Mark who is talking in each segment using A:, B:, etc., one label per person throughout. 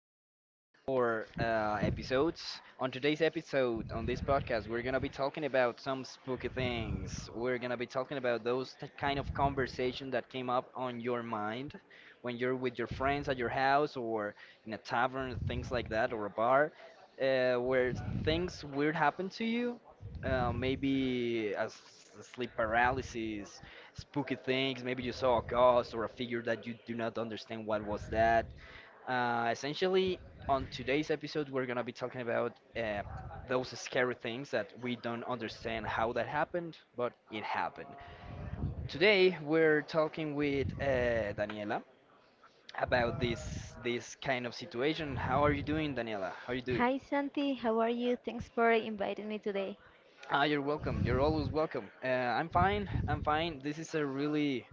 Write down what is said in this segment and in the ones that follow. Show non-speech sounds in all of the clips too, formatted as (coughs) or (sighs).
A: to one of our episodes. On today's episode, on this podcast, we're going to be talking about some spooky things. We're going to be talking about kind of conversation that came up on your mind when you're with your friends at your house or in a tavern, things like that, or a bar, where things weird happen to you. Maybe a sleep paralysis, spooky things. Maybe you saw a ghost or a figure that you do not understand what was that. Essentially, on today's episode, we're gonna be talking about those scary things that we don't understand how that happened, but it happened. Today, we're talking with Daniela about this kind of situation. How are you doing, Daniela? How are you doing?
B: Hi Santi, how are you? Thanks for inviting me today.
A: Ah, you're welcome. You're always welcome. I'm fine. I'm fine. This is a really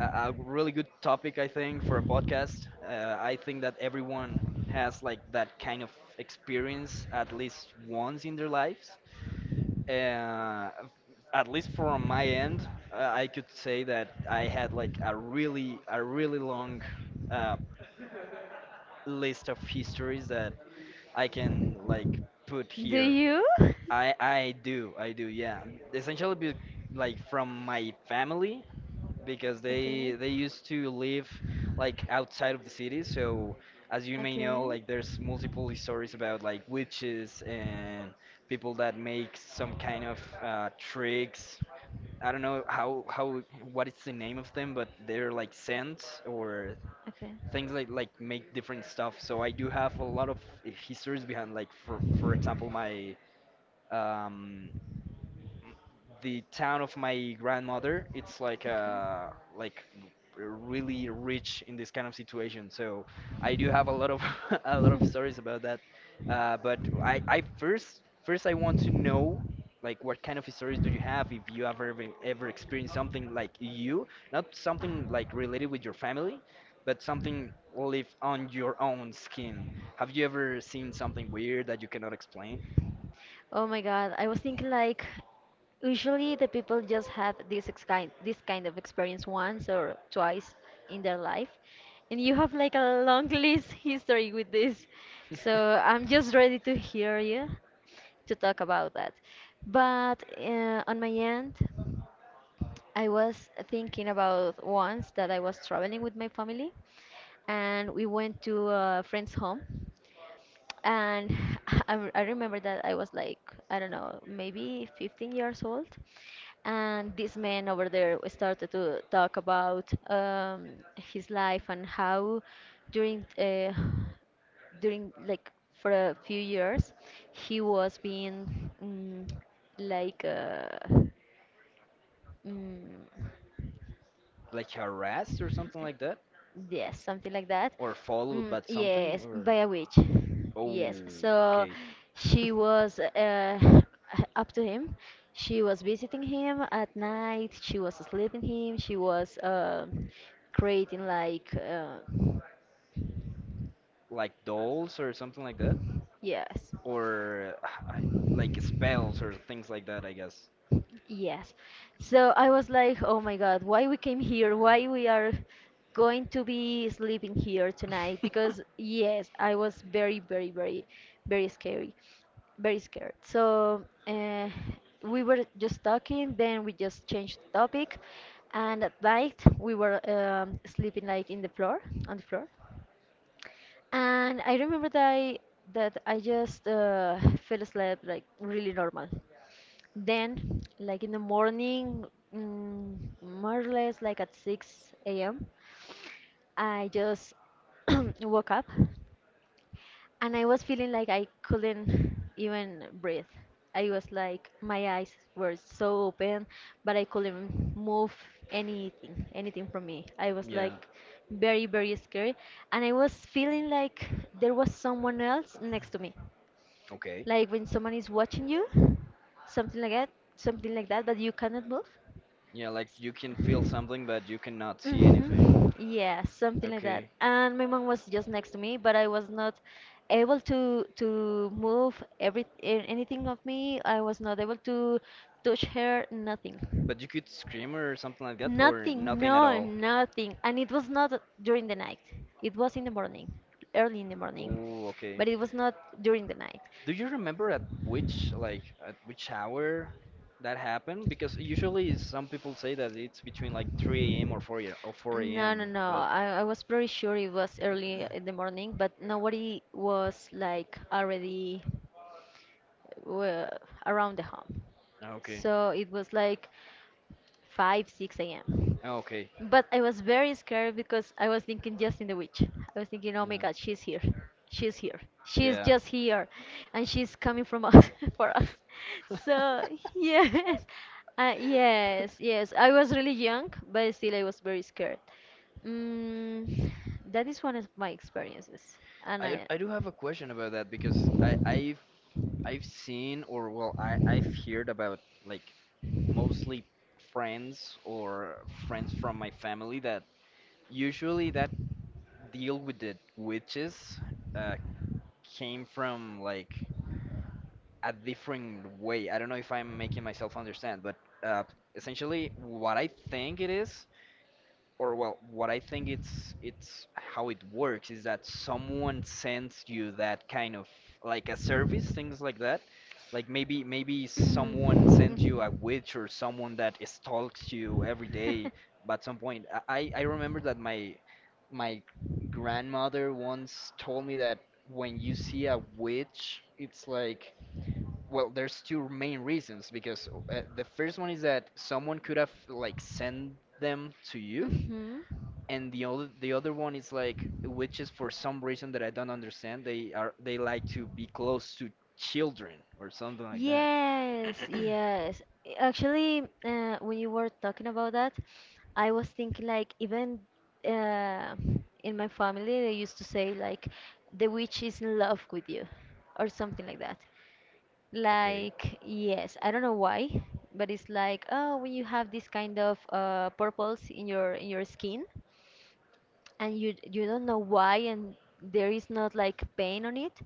A: a really good topic, I think, for a podcast. I think that everyone has like that kind of experience at least once in their lives. Uh, at least from my end, I could say that I had like a really long uh, list of histories that I can like put
B: Do
A: here.
B: you?
A: I do, I do, yeah.
B: (laughs)
A: Essentially, be, like from my family because they used to live like outside of the city, so as you may know, like there's multiple stories about like witches and people that make some kind of tricks. I don't know how, what is the name of them, but they're like scents or things like make different stuff, so I do have a lot of histories behind, like for example, my um the town of my grandmother. It's like really rich in this kind of situation, so I do have a lot of (laughs) a lot of stories about that. But I first first I want to know like what kind of stories do you have, if you have ever experienced something like you not something like related with your family, but something live on your own skin. Have you ever seen something weird that you cannot explain?
B: Oh my God, I was thinking like usually the people just have this kind of experience once or twice in their life, and you have like a long (laughs) list history with this. So I'm just ready to
A: (laughs)
B: hear you to talk about that. But on my end. I was thinking about once that I was traveling with my family and we went to a friend's home. And (laughs) I remember that I was like, I don't know, maybe 15 years old. And this man over there started to talk about his life and how during uh, during like for a few years he was being like Mm,
A: Like harassed or something like that,
B: yes, something like that.
A: or followed
B: Mm,
A: by something,
B: yes,
A: or
B: by a witch.
A: oh,
B: Yes. So
A: okay,
B: she
A: (laughs)
B: was (laughs) up to him. She was visiting him at night. She was sleeping him. She was creating like
A: like dolls or something like that,
B: yes.
A: or I- like spells or things like that, I guess.
B: Yes. So I was like, oh my God, why we came here? Why we are going to be sleeping here tonight?
A: (laughs)
B: Because yes, I was very, very, very, very scary, very scared. So we were just talking, then we just changed topic, and at night we were sleeping like in the floor, on the floor. And I remember that that I just fell asleep like really normal. Then, like in the morning, more or less like at 6 a.m., I just (clears throat) woke up and I was feeling like I couldn't even breathe. I was like my eyes were so open, but I couldn't move anything, anything from me. I was
A: Yeah.
B: like very, very scared, and I was feeling like there was someone else next to me,
A: Okay.
B: like when someone is watching you, something like that, something like that, but you cannot move.
A: Yeah, like you can feel something, but you cannot see anything.
B: Hmm. Yeah, something like that.
A: Okay.
B: And my mom was just next to me, but I was not able to move anything of me. I was not able to touch her, nothing.
A: But you could scream or something like that, or
B: Nothing,
A: nothing at
B: no,
A: all?
B: nothing. And it was not during the night. It was in the morning, early in the morning.
A: Oh, okay.
B: But it was not during the night.
A: Do you remember at which, like at which hour that happened? Because usually some people say that it's between like 3 a.m. or 4
B: No, no,
A: a.m.
B: no.
A: But
B: I was pretty sure it was early in the morning, but nobody was like already were around the home.
A: ah, okay,
B: So it was like 5, 6 a.m.
A: ah, okay,
B: But I was very scared because I was thinking just in the witch. I was thinking, oh my
A: yeah,
B: god, she's here. She's here. She's
A: yeah.
B: just here. And she's coming from us, (laughs) for us.
A: (laughs)
B: So, yes. Yes, yes. I was really young, but still I was very scared. Mm, that is one of my experiences. And I.
A: I do have a question about that because I've seen, or well, I I've heard about like mostly friends or friends from my family that usually that deal with the witches uh, came from like a different way. I don't know if I'm making myself understand, but uh, essentially, what I think it is, or well, what I think it's how it works is that someone sends you that kind of like a service, things like that. Like maybe someone sends you a witch or someone that stalks you every day. But at some point, I remember that my grandmother once told me that when you see a witch, it's like well, there's two main reasons because the first one is that someone could have like sent them to you,
B: hmm (laughs)
A: and the other one is like witches, for some reason that I don't understand. They are, they like to be close to children or something like that.
B: Yes,
A: (coughs) (clears throat)
B: yes. Actually, when you were talking about that, I was thinking like even uh, in my family they used to say like the witch is in love with you or something like that.
A: Okay.
B: Like yes, I don't know why, but it's like oh when you have this kind of purples in your skin and you don't know why and there is not like pain on it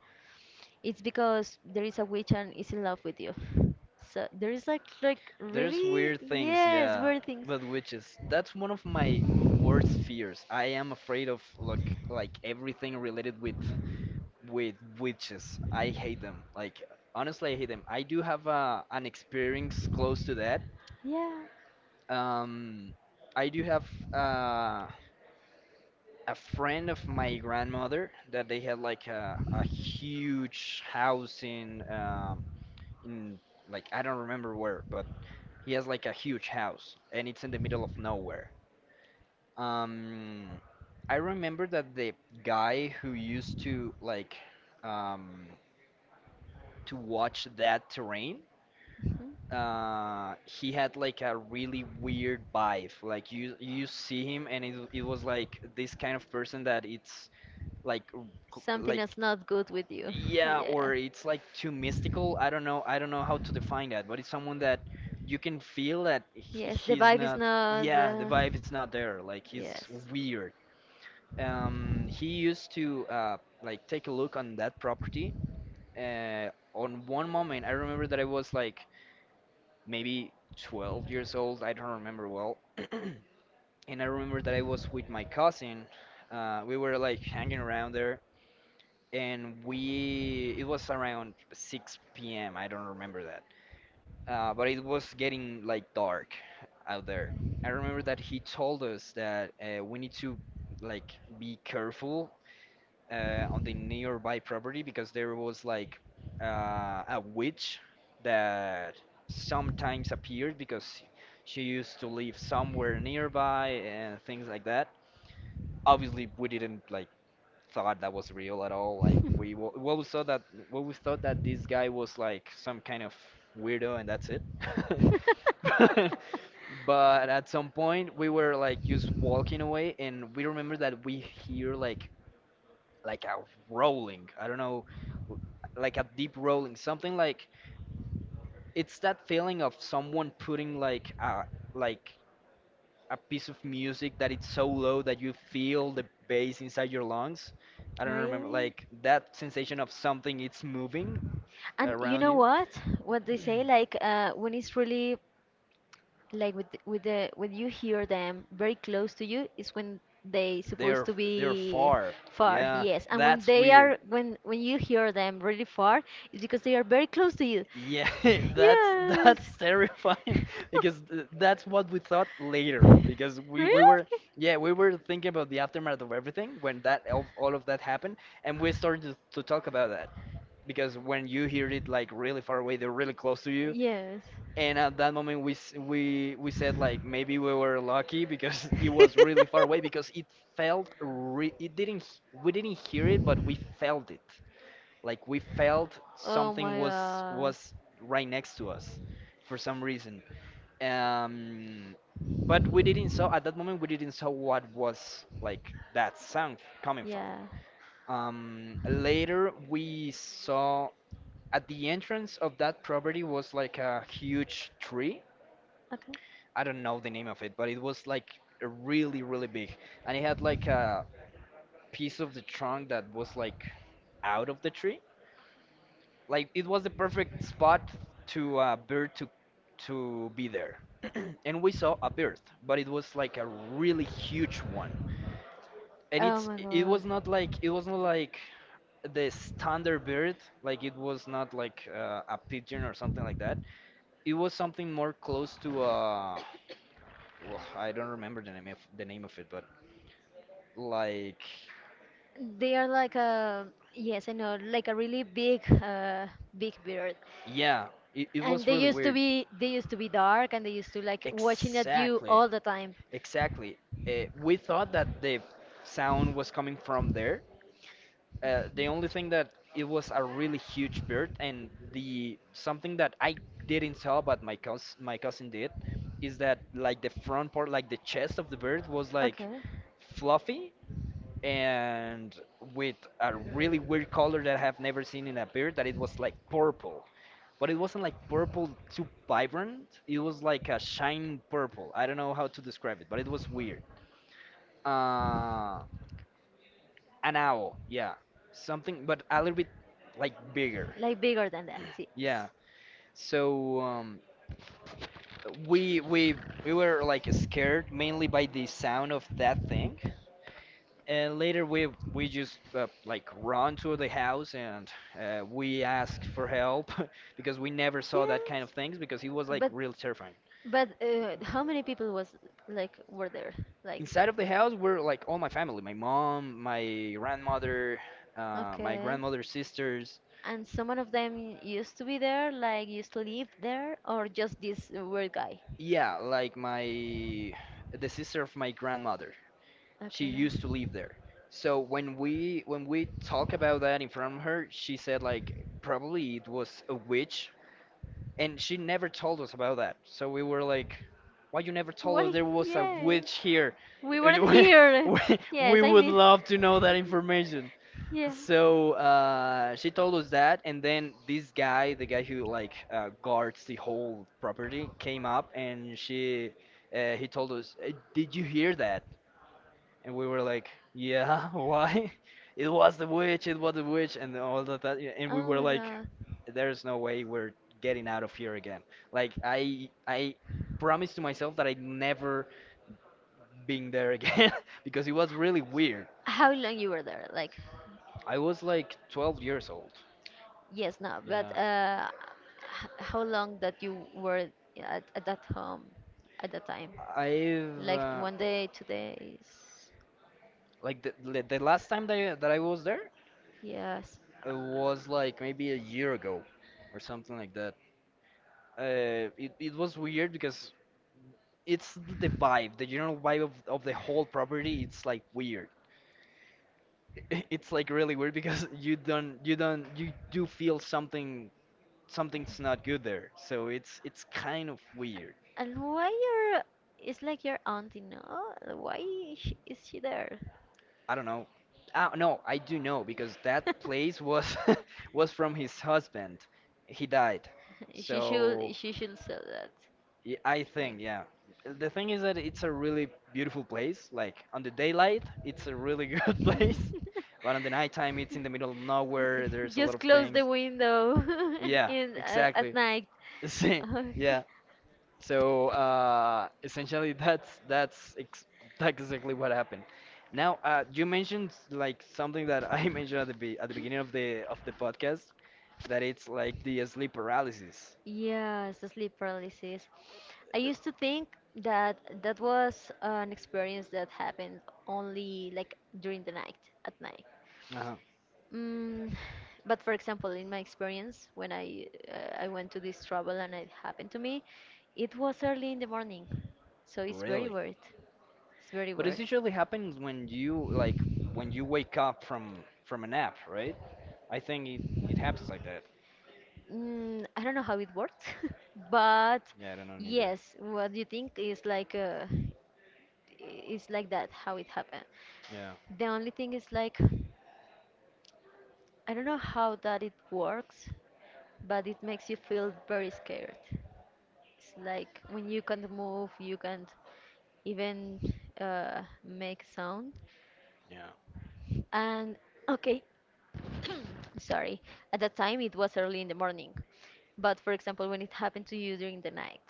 B: it's because there is a witch and is in love with you. So there is like
A: There's
B: really
A: weird things,
B: yes,
A: yeah.
B: weird things.
A: But witches, that's one of my worst fears. I am afraid of like everything related with witches. I hate them. Like honestly, I hate them. I do have an experience close to that.
B: Yeah.
A: Um, I do have uh, a friend of my grandmother that they had like a huge house in like I don't remember where, but he has like a huge house and it's in the middle of nowhere. Um, I remember that the guy who used to like um, to watch that terrain,
B: Mhm.
A: he had like a really weird vibe. Like you see him and it was like this kind of person that it's like
B: Something
A: like
B: that's not good with you.
A: yeah,
B: Yeah.
A: or it's like too mystical. I don't know. I don't know how to define that, but it's someone that you can feel that
B: Yes, the
A: he's
B: vibe is
A: not.
B: not.
A: Yeah, the
B: Uh,
A: vibe is not there. Like he's
B: yes.
A: weird. He used to like take a look on that property. On one moment, I remember that I was like maybe 12 years old. I don't remember well. (clears throat) And I remember that I was with my cousin. We were like hanging around there, and we it was around 6 p.m. I don't remember that, but it was getting like dark out there. I remember that he told us that we need to like be careful on the nearby property because there was like uh, a witch that sometimes appeared because she used to live somewhere nearby and things like that. Obviously, we didn't like thought that was real at all. Like
B: (laughs)
A: well, we saw that well, we thought that this guy was like some kind of weirdo, and that's it. (laughs) But but at some point, we were like just walking away, and we remember that we hear like a rolling. I don't know, w- like a deep rolling, something like it's that feeling of someone putting like a piece of music that it's so low that you feel the bass inside your lungs. I don't remember,
B: Really?
A: like that sensation of something it's moving
B: And you
A: around
B: know
A: you. (clears throat)
B: what? What they say, like when it's really like with the when you hear them very close to you is when they supposed
A: They're
B: to
A: they're
B: be
A: far.
B: far.
A: Yeah,
B: Yes. And when
A: that's
B: they
A: weird.
B: are when you hear them really far it's because they are very close to you.
A: Yeah, (laughs)
B: (laughs) Yes.
A: that's terrifying
B: (laughs)
A: (laughs) because that's what we thought later because
B: Really.
A: we were yeah, we were thinking about the aftermath of everything when that all of that happened, and we started to talk about that because when you hear it like really far away, they're really close to you.
B: Yes.
A: And at that moment we said like maybe we were lucky because (laughs) it was really far away because
B: (laughs)
A: it it didn't h- we didn't hear it, but we felt it. Like we felt
B: Oh
A: something
B: my god.
A: was right next to us for some reason. um but we didn't saw at that moment, we didn't saw what was like that sound coming from.
B: Yeah.
A: Later we saw at the entrance of that property was like a huge tree.
B: Okay.
A: I don't know the name of it, but it was like a really, really big. And it had like a piece of the trunk that was like out of the tree. Like it was the perfect spot to a bird to be there. (clears throat) And we saw a bird, but it was like a really huge one. And
B: Oh my
A: it
B: god.
A: was not like the standard bird. Like it was not like a pigeon or something like that. It was something more close to (sighs) well, I don't remember the name of it, but like,
B: They are like a yes, I know, like a really big, big bird.
A: yeah, it
B: And
A: was
B: they
A: really
B: used to
A: weird.
B: be they used to be dark, and they used to like watching at you
A: Exactly,
B: all the time.
A: exactly. We thought that the sound was coming from there. The only thing that it was a really huge bird, and the something that I didn't saw, but my cousin did, is that like the front part, like the chest of the bird, was like
B: Okay.
A: fluffy and with a really weird color that I have never seen in a beer, that it was like purple. But it wasn't like purple too vibrant. It was like a shiny purple. I don't know how to describe it, but it was weird. Uh, an owl, yeah. Something, but a little bit like bigger.
B: Like bigger than that,
A: Yeah.
B: yes.
A: So we we we were like scared mainly by the sound of that thing, and later we just like run to the house and we asked for help (laughs) because we never saw that kind of
B: Yes,
A: things because it was like
B: but
A: real terrifying.
B: but how many people was like were there? Like
A: Inside of the house were like all my family, my mom, my grandmother, my
B: okay.
A: grandmother's sisters.
B: And some of them used to be there, like used to live there, or just this weird guy.
A: Yeah, like my the sister of my grandmother. She
B: Okay.
A: used to live there. So when we talk about that in front of her, she said like probably it was a witch, and she never told us about that. So we were like, "Why you never told us
B: Why?
A: there was a
B: Yeah.
A: witch here?
B: We
A: (laughs)
B: weren't
A: we,
B: here.
A: we-
B: (laughs)
A: we
B: Yes, I
A: would
B: mean.
A: love to know that information."
B: Yeah.
A: So she told us that, and then this guy, the guy who like guards the whole property, came up and he told us, "Did you hear that?" And we were like, yeah, (laughs) why? It was the witch, it was the witch, and all of that. Yeah, and we
B: Oh
A: were
B: my
A: like,
B: god.
A: there's no way we're getting out of here again. Like I promised to myself that I'd never being there again (laughs) because it was really weird.
B: How long you were there? Like.
A: I was like 12 years old.
B: Yes, no, but
A: Yeah,
B: how long that you were at that home at that time?
A: I've
B: Like one day, 2 days?
A: like the last time that I was there
B: Yes.
A: was like maybe a year ago or something like that. It was weird because it's the vibe, the general vibe of the whole property. It's like weird. (laughs) It's like really weird because (laughs) you don't you don't you do feel something's not good there. So it's kind of weird.
B: And why your it's like your auntie, no? Why is she there?
A: I don't know. No, I do know because that place
B: (laughs)
A: was (laughs) was from his husband. He died.
B: She
A: So
B: should she should sell that.
A: I
B: No.
A: think, yeah. The thing is that it's a really beautiful place. Like on the daylight, it's a really good (laughs) place, but on the nighttime, it's in the middle of nowhere.
B: (laughs)
A: There's a lot
B: Just
A: of
B: close
A: things.
B: the window (laughs)
A: Yeah,
B: in at
A: exactly.
B: night. (laughs)
A: (laughs) See,
B: Oh.
A: yeah. So essentially, (laughs) that's exactly what happened. Now, you mentioned like something that I (laughs) mentioned at the be at the beginning of the podcast, that it's like the sleep paralysis.
B: Yes, the sleep paralysis. I used to think that that was an experience that happened only like during the night, at night.
A: Uh-huh.
B: Mm, but for example, in my experience, when I went to this travel and it happened to me, it was early in the morning, so it's very
A: Really?
B: weird. It's very
A: But it
B: weird.
A: usually happens when you like when you wake up from a nap, right? I think it happens like that.
B: I don't know how it works, (laughs) but
A: Yeah, I don't know neither.
B: yes, what you think is like is like that how it happened.
A: Yeah,
B: The only thing is like I don't know how that it works, but it makes you feel very scared. It's like when you can't move, you can't even make sound.
A: yeah,
B: And okay, (coughs) sorry, at that time it was early in the morning. But for example, when it happened to you during the night,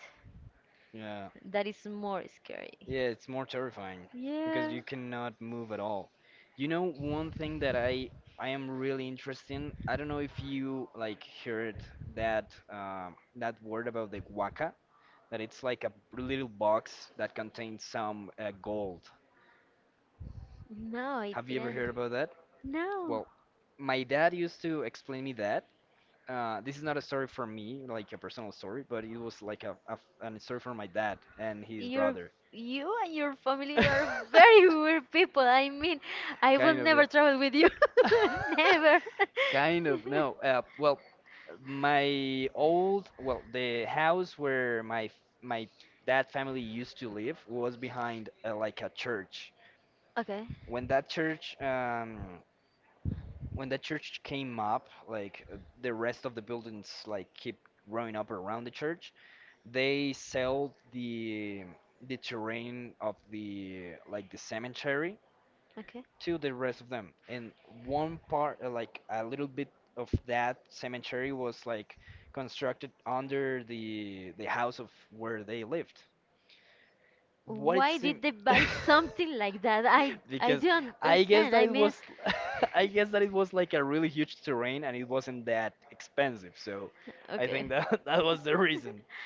A: yeah,
B: that is more scary.
A: yeah. It's more terrifying because
B: Yeah.
A: you cannot move at all. You know, one thing that I am really interested in. I don't know if you like heard that word about the guaca, that it's like a little box that contains some gold.
B: No, it
A: Have you ever
B: didn't.
A: heard about that?
B: No,
A: Well, my dad used to explain me that this is not a story from me, like a personal story, but it was like a an story from my dad and his
B: your
A: brother.
B: you and your family are very weird people. I mean,
A: (laughs)
B: I will
A: Kind of.
B: never
A: It.
B: travel with you.
A: (laughs)
B: (laughs) Never.
A: Kind of no. Well, the house where my dad family used to live was behind like a church.
B: Okay,
A: When that church um when that church came up, like the rest of the buildings like keep growing up around the church. They sell the terrain of the like the cemetery
B: okay.
A: to the rest of them. And one part, like a little bit of that cemetery was like constructed under the house of where they lived. What it
B: Why
A: seemed
B: did they
A: (laughs)
B: buy something like that? I
A: because
B: don't
A: I guess
B: understand.
A: that
B: I
A: it
B: mean,
A: was (laughs) I guess that it was like a really huge terrain and it wasn't that expensive. So I think
B: okay.
A: that (laughs) that was the reason.
B: (laughs)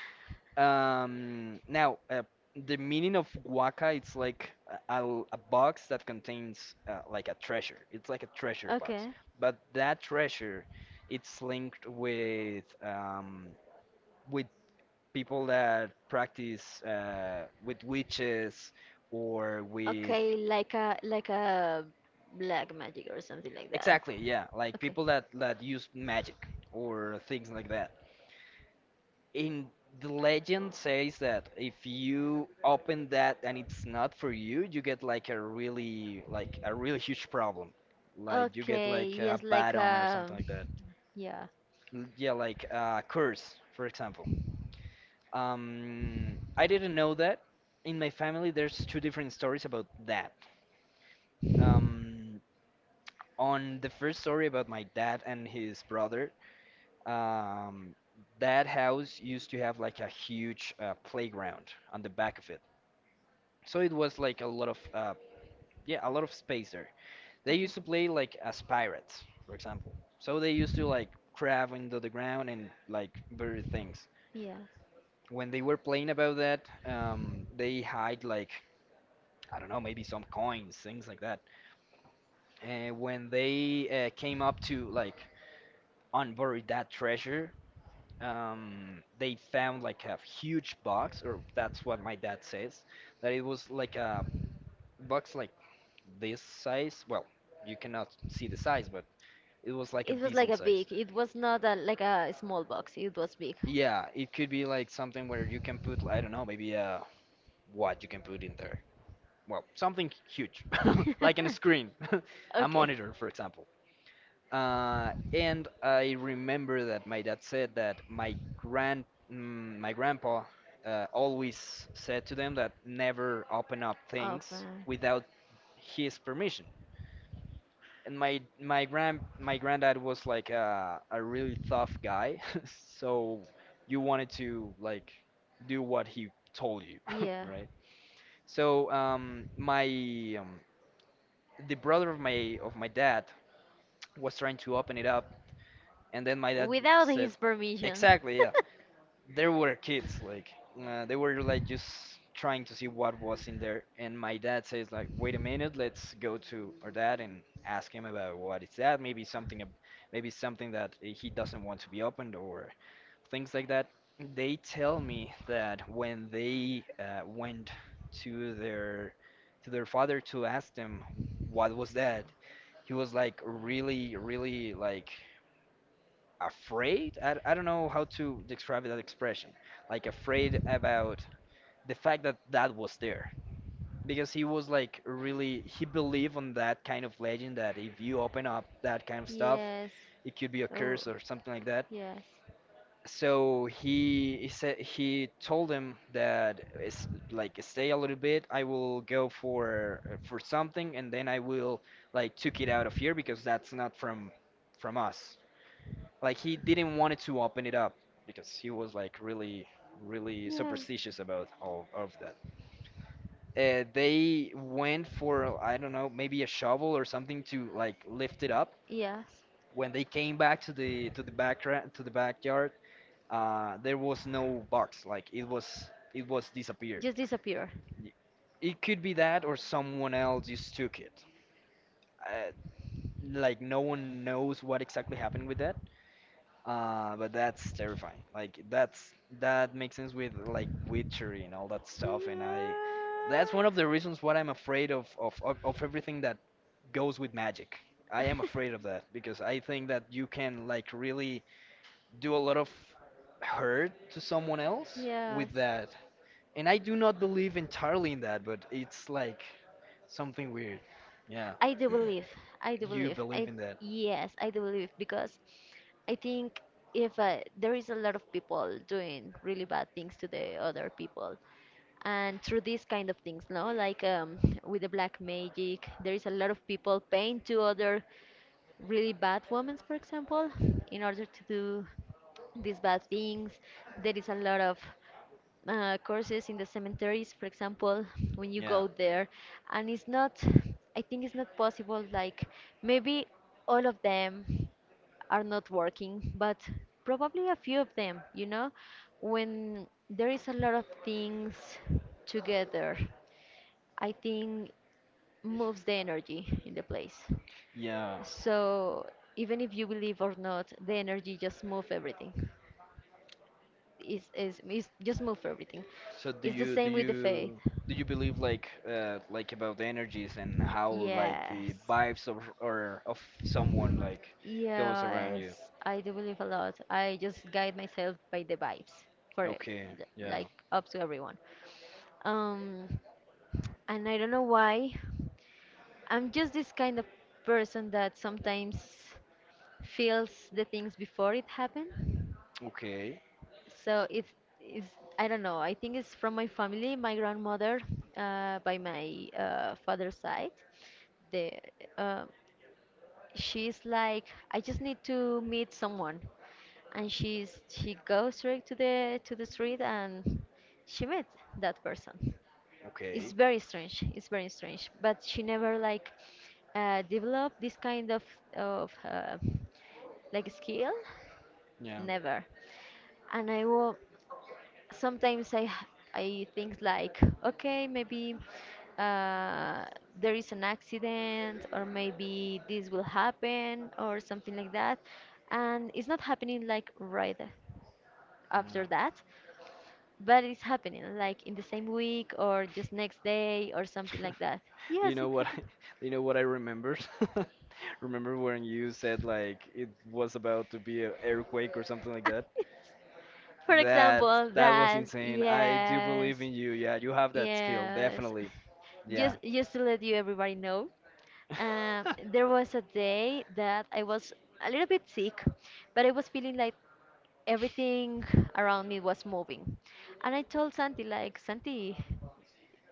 A: Now, the meaning of waka, it's like a box that contains like a treasure. It's like a treasure box,
B: Okay.
A: but that treasure, it's linked with people that practice with witches or with
B: Okay, like a black magic or something like that.
A: exactly, yeah, like
B: Okay.
A: people that use magic or things like that. In the legend says that if you open that and it's not for you, you get like a really huge problem. Like you get
B: Okay,
A: like a
B: yes,
A: bad
B: like
A: omen or something like that.
B: yeah.
A: Yeah, like a curse, for example. I didn't know that. In my family, there's two different stories about that. Um, on the first story about my dad and his brother, um, that house used to have like a huge playground on the back of it. So it was like a lot of yeah, a lot of space there. They
B: Okay.
A: used to play like as pirates, for example. So they used to like crab into the ground and like bury things.
B: Yeah.
A: When they were playing about that, they hide like I don't know, maybe some coins, things like that. And when they came up to like unbury that treasure, they found like a huge box, or that's what my dad says, that it was like a box like this size. Well, you cannot see the size, but it was like a
B: It was like
A: decent
B: a
A: size.
B: big. It was not like a small box. It was big.
A: Yeah, it could be like something where you can put, I don't know, maybe what you can put in there. Well, something huge, (laughs) like on a
B: (laughs)
A: screen, (laughs) a
B: Okay.
A: monitor, for example. And I remember that my dad said that my grandpa always said to them that never open up things
B: Open.
A: without his permission. And my granddad was like a really tough guy, (laughs) so you wanted to like do what he told you, (laughs)
B: Yeah.
A: right? So my um, the brother of my dad was trying to open it up, and then my dad
B: Without
A: said,
B: his permission.
A: exactly, yeah.
B: (laughs)
A: There were kids like they were like just trying to see what was in there, and my dad says like, wait a minute, let's go to our dad and ask him about what is that, maybe something maybe something that he doesn't want to be opened, or things like that. They tell me that when they went to their to their father to ask them what was that. He was like really really like afraid. I don't know how to describe that expression, like afraid about the fact that that was there, because he was like really, he believed on that kind of legend that if you open up that kind of stuff,
B: Yes.
A: it could be a
B: Oh,
A: curse or something like that.
B: yes.
A: So he told him that it's like, stay a little bit, I will go for something, and then I will like took it out of here, because that's not from us. Like he didn't want to open it up, because he was like really, really
B: Yeah.
A: superstitious about all of that. They went for I don't know maybe a shovel or something to like lift it up.
B: Yes.
A: When they came back to the backyard, there was no box. Like it was disappeared.
B: Just disappear.
A: Y- It could be that or someone else just took it. Uh, like no one knows what exactly happened with that. But that's terrifying. Like that makes sense with like witchery and all that stuff. And I, that's one of the reasons why I'm afraid of everything that goes with magic. I am afraid of that because I think that you can like really do a lot of hurt to someone else
B: Yeah. Yes.
A: with that. And I do not believe entirely in that, but it's like something weird. Yeah,
B: I do believe. I do
A: you
B: believe.
A: believe
B: I
A: in that.
B: Yes, I do believe because I think if there is a lot of people doing really bad things to the other people, and through these kind of things, no, like with the black magic, there is a lot of people paying to other really bad women, for example, in order to do these bad things. There is a lot of courses in the cemeteries, for example, when you
A: Yeah,
B: go there, and it's not, I think it's not possible, like, maybe all of them are not working, but probably a few of them, when there is a lot of things together, I think moves the energy in the place.
A: yeah.
B: So even if you believe or not, the energy just move everything. Is just move everything.
A: So do
B: It's the
A: you do
B: same with the faith.
A: you do you believe like about the energies and how like
B: Yes.
A: the vibes of someone like goes around
B: Yes,
A: you?
B: I do believe a lot. I just guide myself by the vibes for it,
A: Okay, yeah.
B: like up to everyone. Um, and I don't know why. I'm just this kind of person that sometimes feels the things before it happen.
A: Okay,
B: So it's I don't know. I think it's from my family, my grandmother, by my father's side. The uh, she's like I just need to meet someone and she goes straight to the street and she met that person. It's
A: okay. Yeah,
B: very strange, it's very strange, but she never like developed this kind of like skill
A: yeah.
B: never. And I will sometimes I think like, okay, maybe uh, there is an accident, or maybe this will happen, or something like that, and it's not happening like right after that, but it's happening like in the same week or just next day or something like that.
A: (laughs) Do
B: Yes,
A: you know
B: it
A: what I,
B: happened.
A: (laughs) do you know what I remembered? (laughs) Remember when you said like it was about to be an earthquake or something like that?
B: (laughs) For
A: That
B: example,
A: that was
B: that
A: insane. I do
B: yes,
A: believe in you. Yeah, you have that skill,
B: yes.
A: definitely. Yeah.
B: Just to let you everybody know,
A: (laughs)
B: there was a day that I was a little bit sick, but I was feeling like everything around me was moving, and I told Santi like Santi,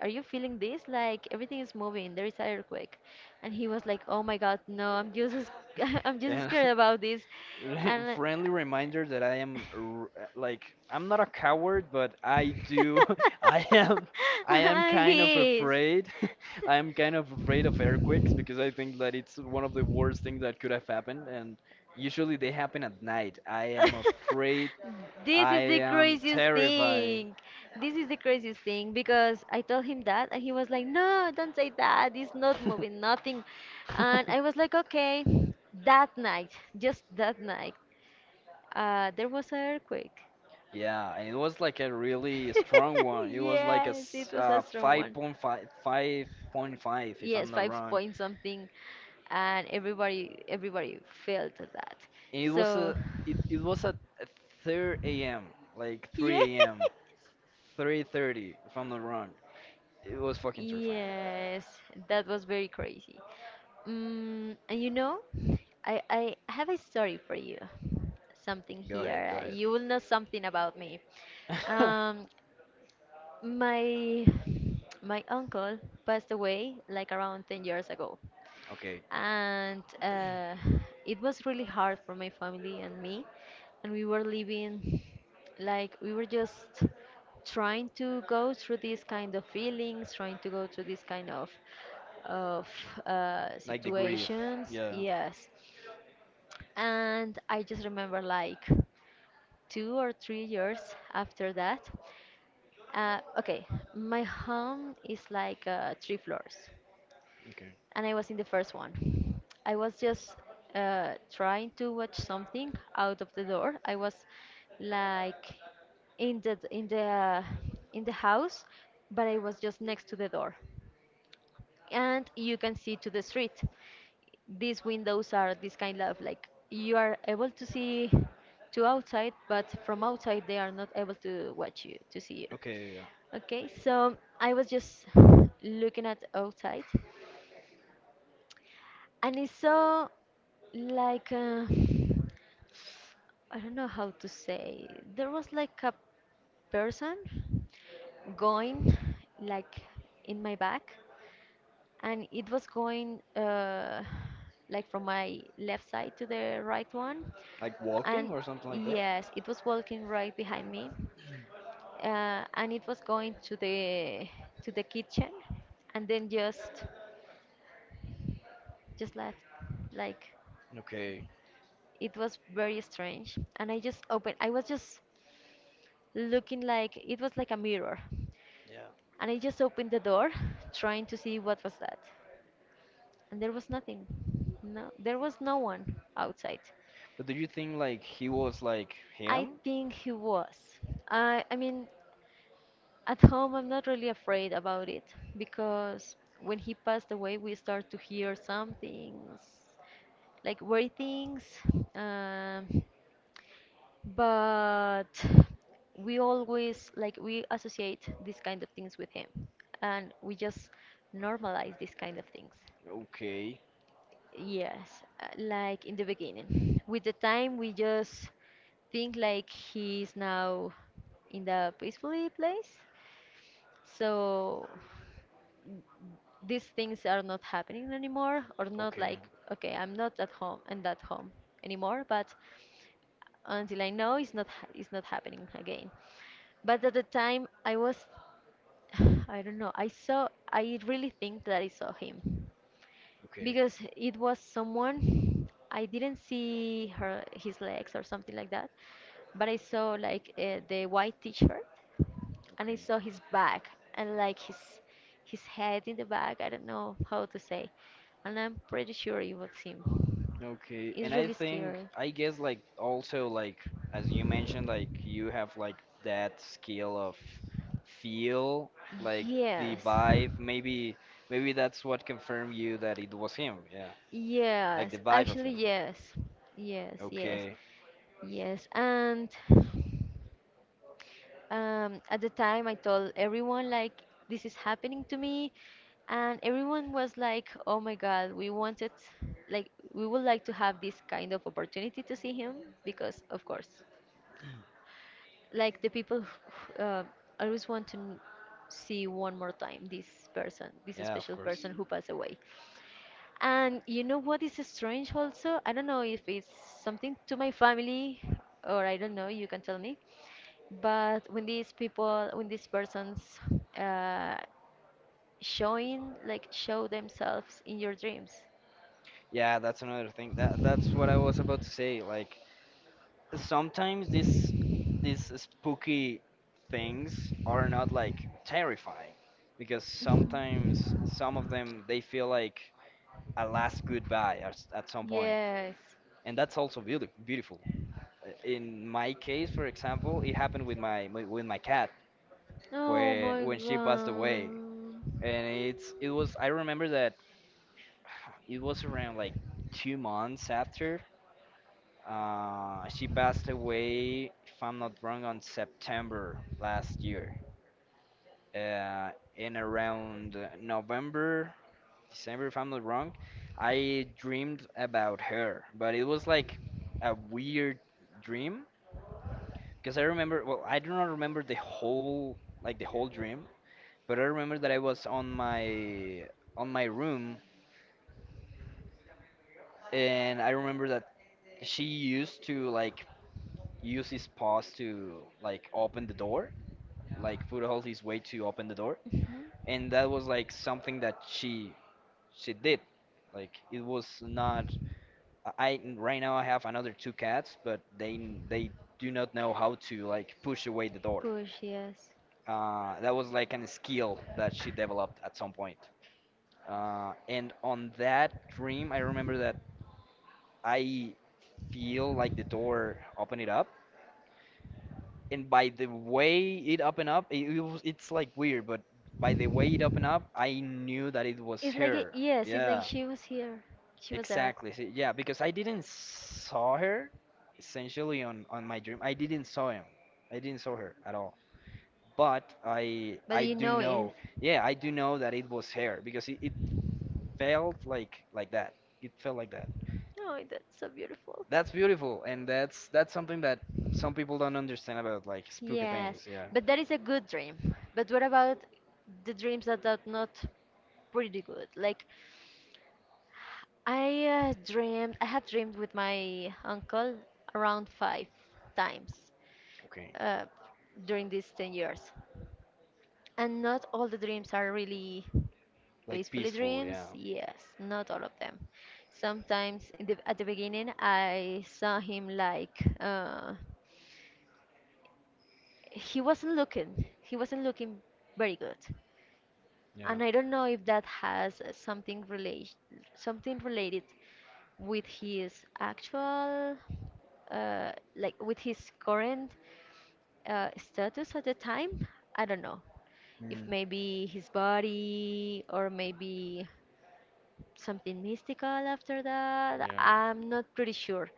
B: are you feeling this? Like everything is moving. There is an earthquake, and he was like, "Oh my God, no! I'm just, (laughs) I'm just
A: And
B: scared about this."
A: (laughs)
B: And
A: friendly reminder that like I'm not a coward, but I do
B: (laughs)
A: (laughs) I am I am kind of
B: He is. (laughs)
A: afraid. (laughs) I am kind of afraid of earthquakes because I think that it's one of the worst things that could have happened, and usually they happen at night. I am afraid.
B: This
A: I
B: is the
A: am
B: craziest
A: terrified.
B: thing. (laughs) This is the craziest thing because I told him that and he was like, "No, don't say that. It's not moving, nothing." And I was
A: (laughs)
B: like, "Okay." That night, just that night, there was an earthquake.
A: Yeah, and it was like a really strong
B: (laughs)
A: one. It was like
B: Yes, it was a strong one.
A: 5.5, if I'm
B: Yes,
A: not
B: five
A: wrong.
B: point something, and everybody felt that.
A: And it was
B: So.
A: a it, it was at 3 a.m., like
B: Yeah. (laughs)
A: 3 a.m. 3:30, if I'm not wrong. It was fucking terrifying.
B: Yes, that was very crazy. And I have a story for you. Something
A: Go ahead,
B: here.
A: go
B: You will know something about me.
A: ahead. (laughs)
B: Um, my my uncle passed away like around 10 years ago,
A: Okay,
B: and it was really hard for my family and me, and we were living, like, we were just trying to go through these kind of feelings, trying to go through these kind of
A: like the grief.
B: situations,
A: Yeah.
B: yes. And I just remember, like, 2 or 3 years after that. Okay, my home is like three floors,
A: Okay.
B: and I was in the first one. I was just trying to watch something out of the door. I was, like, in the in the house, but I was just next to the door, and you can see to the street. These windows are this kind of like you are able to see to outside, but from outside they are not able to watch you, to see you.
A: Okay. Yeah.
B: Okay, so I was just looking at outside, and it's so, like, (sighs) I don't know how to say. There was, like, a person going, like, in my back, and it was going, like, from my left side to the right one,
A: Like walking
B: and
A: or something like that.
B: yes, it was walking right behind me. And it was going to the kitchen, and then just left, like.
A: Okay.
B: It was very strange, and I was just looking, like it was like a mirror,
A: Yeah.
B: and I just opened the door trying to see what was that, and there was nothing. No, there was no one outside.
A: But do you think like he was like
B: I
A: him?
B: think he was, I mean, at home, I'm not really afraid about it, because when he passed away, we start to hear some things, like weird things. Um, but we always, like, we associate these kind of things with him, and we just normalize these kind of things,
A: Okay.
B: yes. Like, in the beginning, with the time we just think like he's now in the peacefully place, so these things are not happening anymore, or not,
A: Okay.
B: like, okay, I'm not at home, and at home anymore, but until I know it's not it's not happening again. But at the time I was (sighs) I don't know, I really think that I saw him,
A: Okay.
B: because it was someone, I didn't see her his legs or something like that, but I saw, like, the white t-shirt, and I
A: Okay.
B: saw his back, and, like, his head in the back. I don't know how to say, and I'm pretty sure it was him.
A: Okay. And
B: It's really scary.
A: I guess like also like as you mentioned like you have like that skill of feel like the
B: Yes.
A: vibe maybe that's what confirmed you that it was him. Yeah. Like the
B: Yes,
A: vibe of
B: actually,
A: him.
B: yes. Yes, yes,
A: Okay.
B: yes. And, at the time, I told everyone, like, this is happening to me. And everyone was like, "Oh my God, we wanted, like, we would like to have this kind of opportunity to see him, because, of course, like, the people who, always want to see one more time this person, this
A: Yeah, of
B: special
A: course.
B: person who passed away." And you know what is strange also? I don't know if it's something to my family, or I don't know, you can tell me. But when these people, when these persons, uh, showing, like, show themselves in your dreams.
A: Yeah, that's another thing. That's what I was about to say. Like sometimes these spooky things are not like terrifying, because sometimes
B: Mhm.
A: some of them they feel like a last goodbye at some point.
B: Yes.
A: And that's also beautiful. In my case, for example, it happened with with my cat
B: Oh
A: when
B: my
A: she passed away.
B: god.
A: And it's it was I remember that (sighs) it was around like 2 months after. She passed away, if I'm not wrong, on September last year. Uh, in around November, December, if I'm not wrong, I dreamed about her, but it was like a weird dream because I remember, well, I do not remember the whole, like the whole dream, but I remember that I was on my room, and I remember that she used to like use his paws to like open the door, like food holds his way to open the door,
B: Mhm.
A: and that was like something that she did. Like it was not. Right now I have another two cats, but they do not know how to like push away the door.
B: Push, yes.
A: That was like a skill that she developed at some point. And on that dream, I remember that I feel like the door opened it up, and by the way it up and up, it's like weird, but by the way it up and up, I knew that it was
B: It's like, a,
A: her.
B: yes, it's like
A: Yeah,
B: she was here. She was there.
A: exactly. See, yeah, because I didn't saw her essentially on my dream. I didn't saw him. I didn't saw her at all. But I
B: But
A: I
B: you
A: do
B: know it.
A: know. Yeah, I do know that it was her because it felt like that. It felt like that.
B: Oh, that's so beautiful.
A: That's beautiful, and that's something that some people don't understand about like spooky
B: Yes,
A: things. Yeah.
B: but that is a good dream. But what about the dreams that are not pretty good? Like, I, dreamed, I have dreamed with my uncle around five times
A: Okay.
B: uh, during these 10 years. And not all the dreams are really
A: Like
B: peacefully
A: peaceful, yeah,
B: dreams. Yes, not all of them. Sometimes, in the, at the beginning, I saw him, like. He wasn't looking very good,
A: yeah.
B: and I don't know if that has something relate something related with his actual, like, with his current, status at the time. I don't know if
A: Mm.
B: maybe his body, or maybe something mystical after that.
A: Yeah.
B: I'm not pretty sure,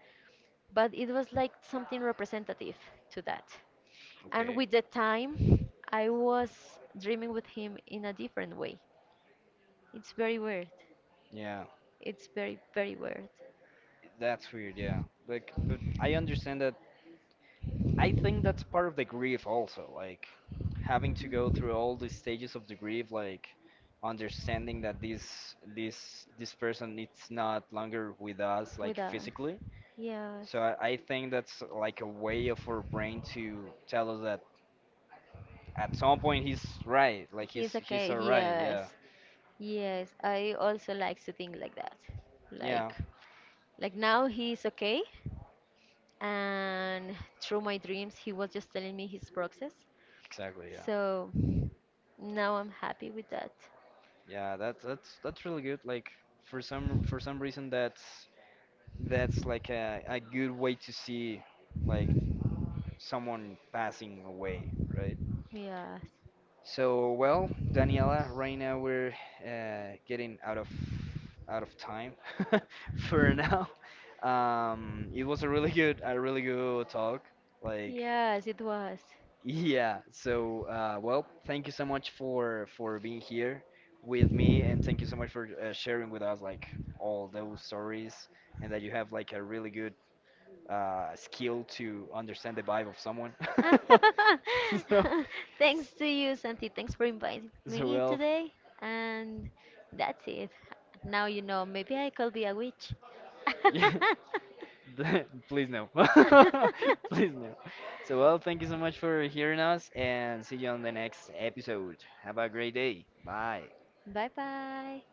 B: but it was like something representative to that. And
A: Okay.
B: with the time, I was dreaming with him in a different way. It's very weird.
A: Yeah,
B: It's very, very weird.
A: that's weird. Yeah, like, but I understand that. I think that's part of the grief also, like having to go through all the stages of the grief, like understanding that this person it's not longer with us,
B: With
A: like
B: us.
A: physically.
B: Yes.
A: So I think that's like a way of our brain to tell us that at some point he's right, like
B: He's
A: he's
B: okay.
A: alright. Yeah,
B: Yes, yes. I also like to think like that.
A: yeah,
B: Like, like, now he's okay. And through my dreams, he was just telling me his process.
A: exactly. Yeah,
B: So now I'm happy with that.
A: yeah. That's really good. Like for some reason that's like a good way to see like someone passing away, right?
B: Yes.
A: So, well, Daniela, right now we're getting out of time (laughs) for now. It was a really good talk. Like,
B: Yes, it was.
A: yeah. So, well, thank you so much for being here with me, and thank you so much for sharing with us like all those stories, and that you have like a really good skill to understand the vibe of someone. (laughs) so,
B: (laughs) Thanks to you, Santi. Thanks for inviting
A: so
B: me
A: well,
B: today. And that's it. Now you know, maybe I could be a witch.
A: yeah, (laughs) please no.
B: (laughs)
A: (laughs) Please no. So, well, thank you so much for hearing us and see you on the next episode. Have a great day. Bye.
B: Bye bye.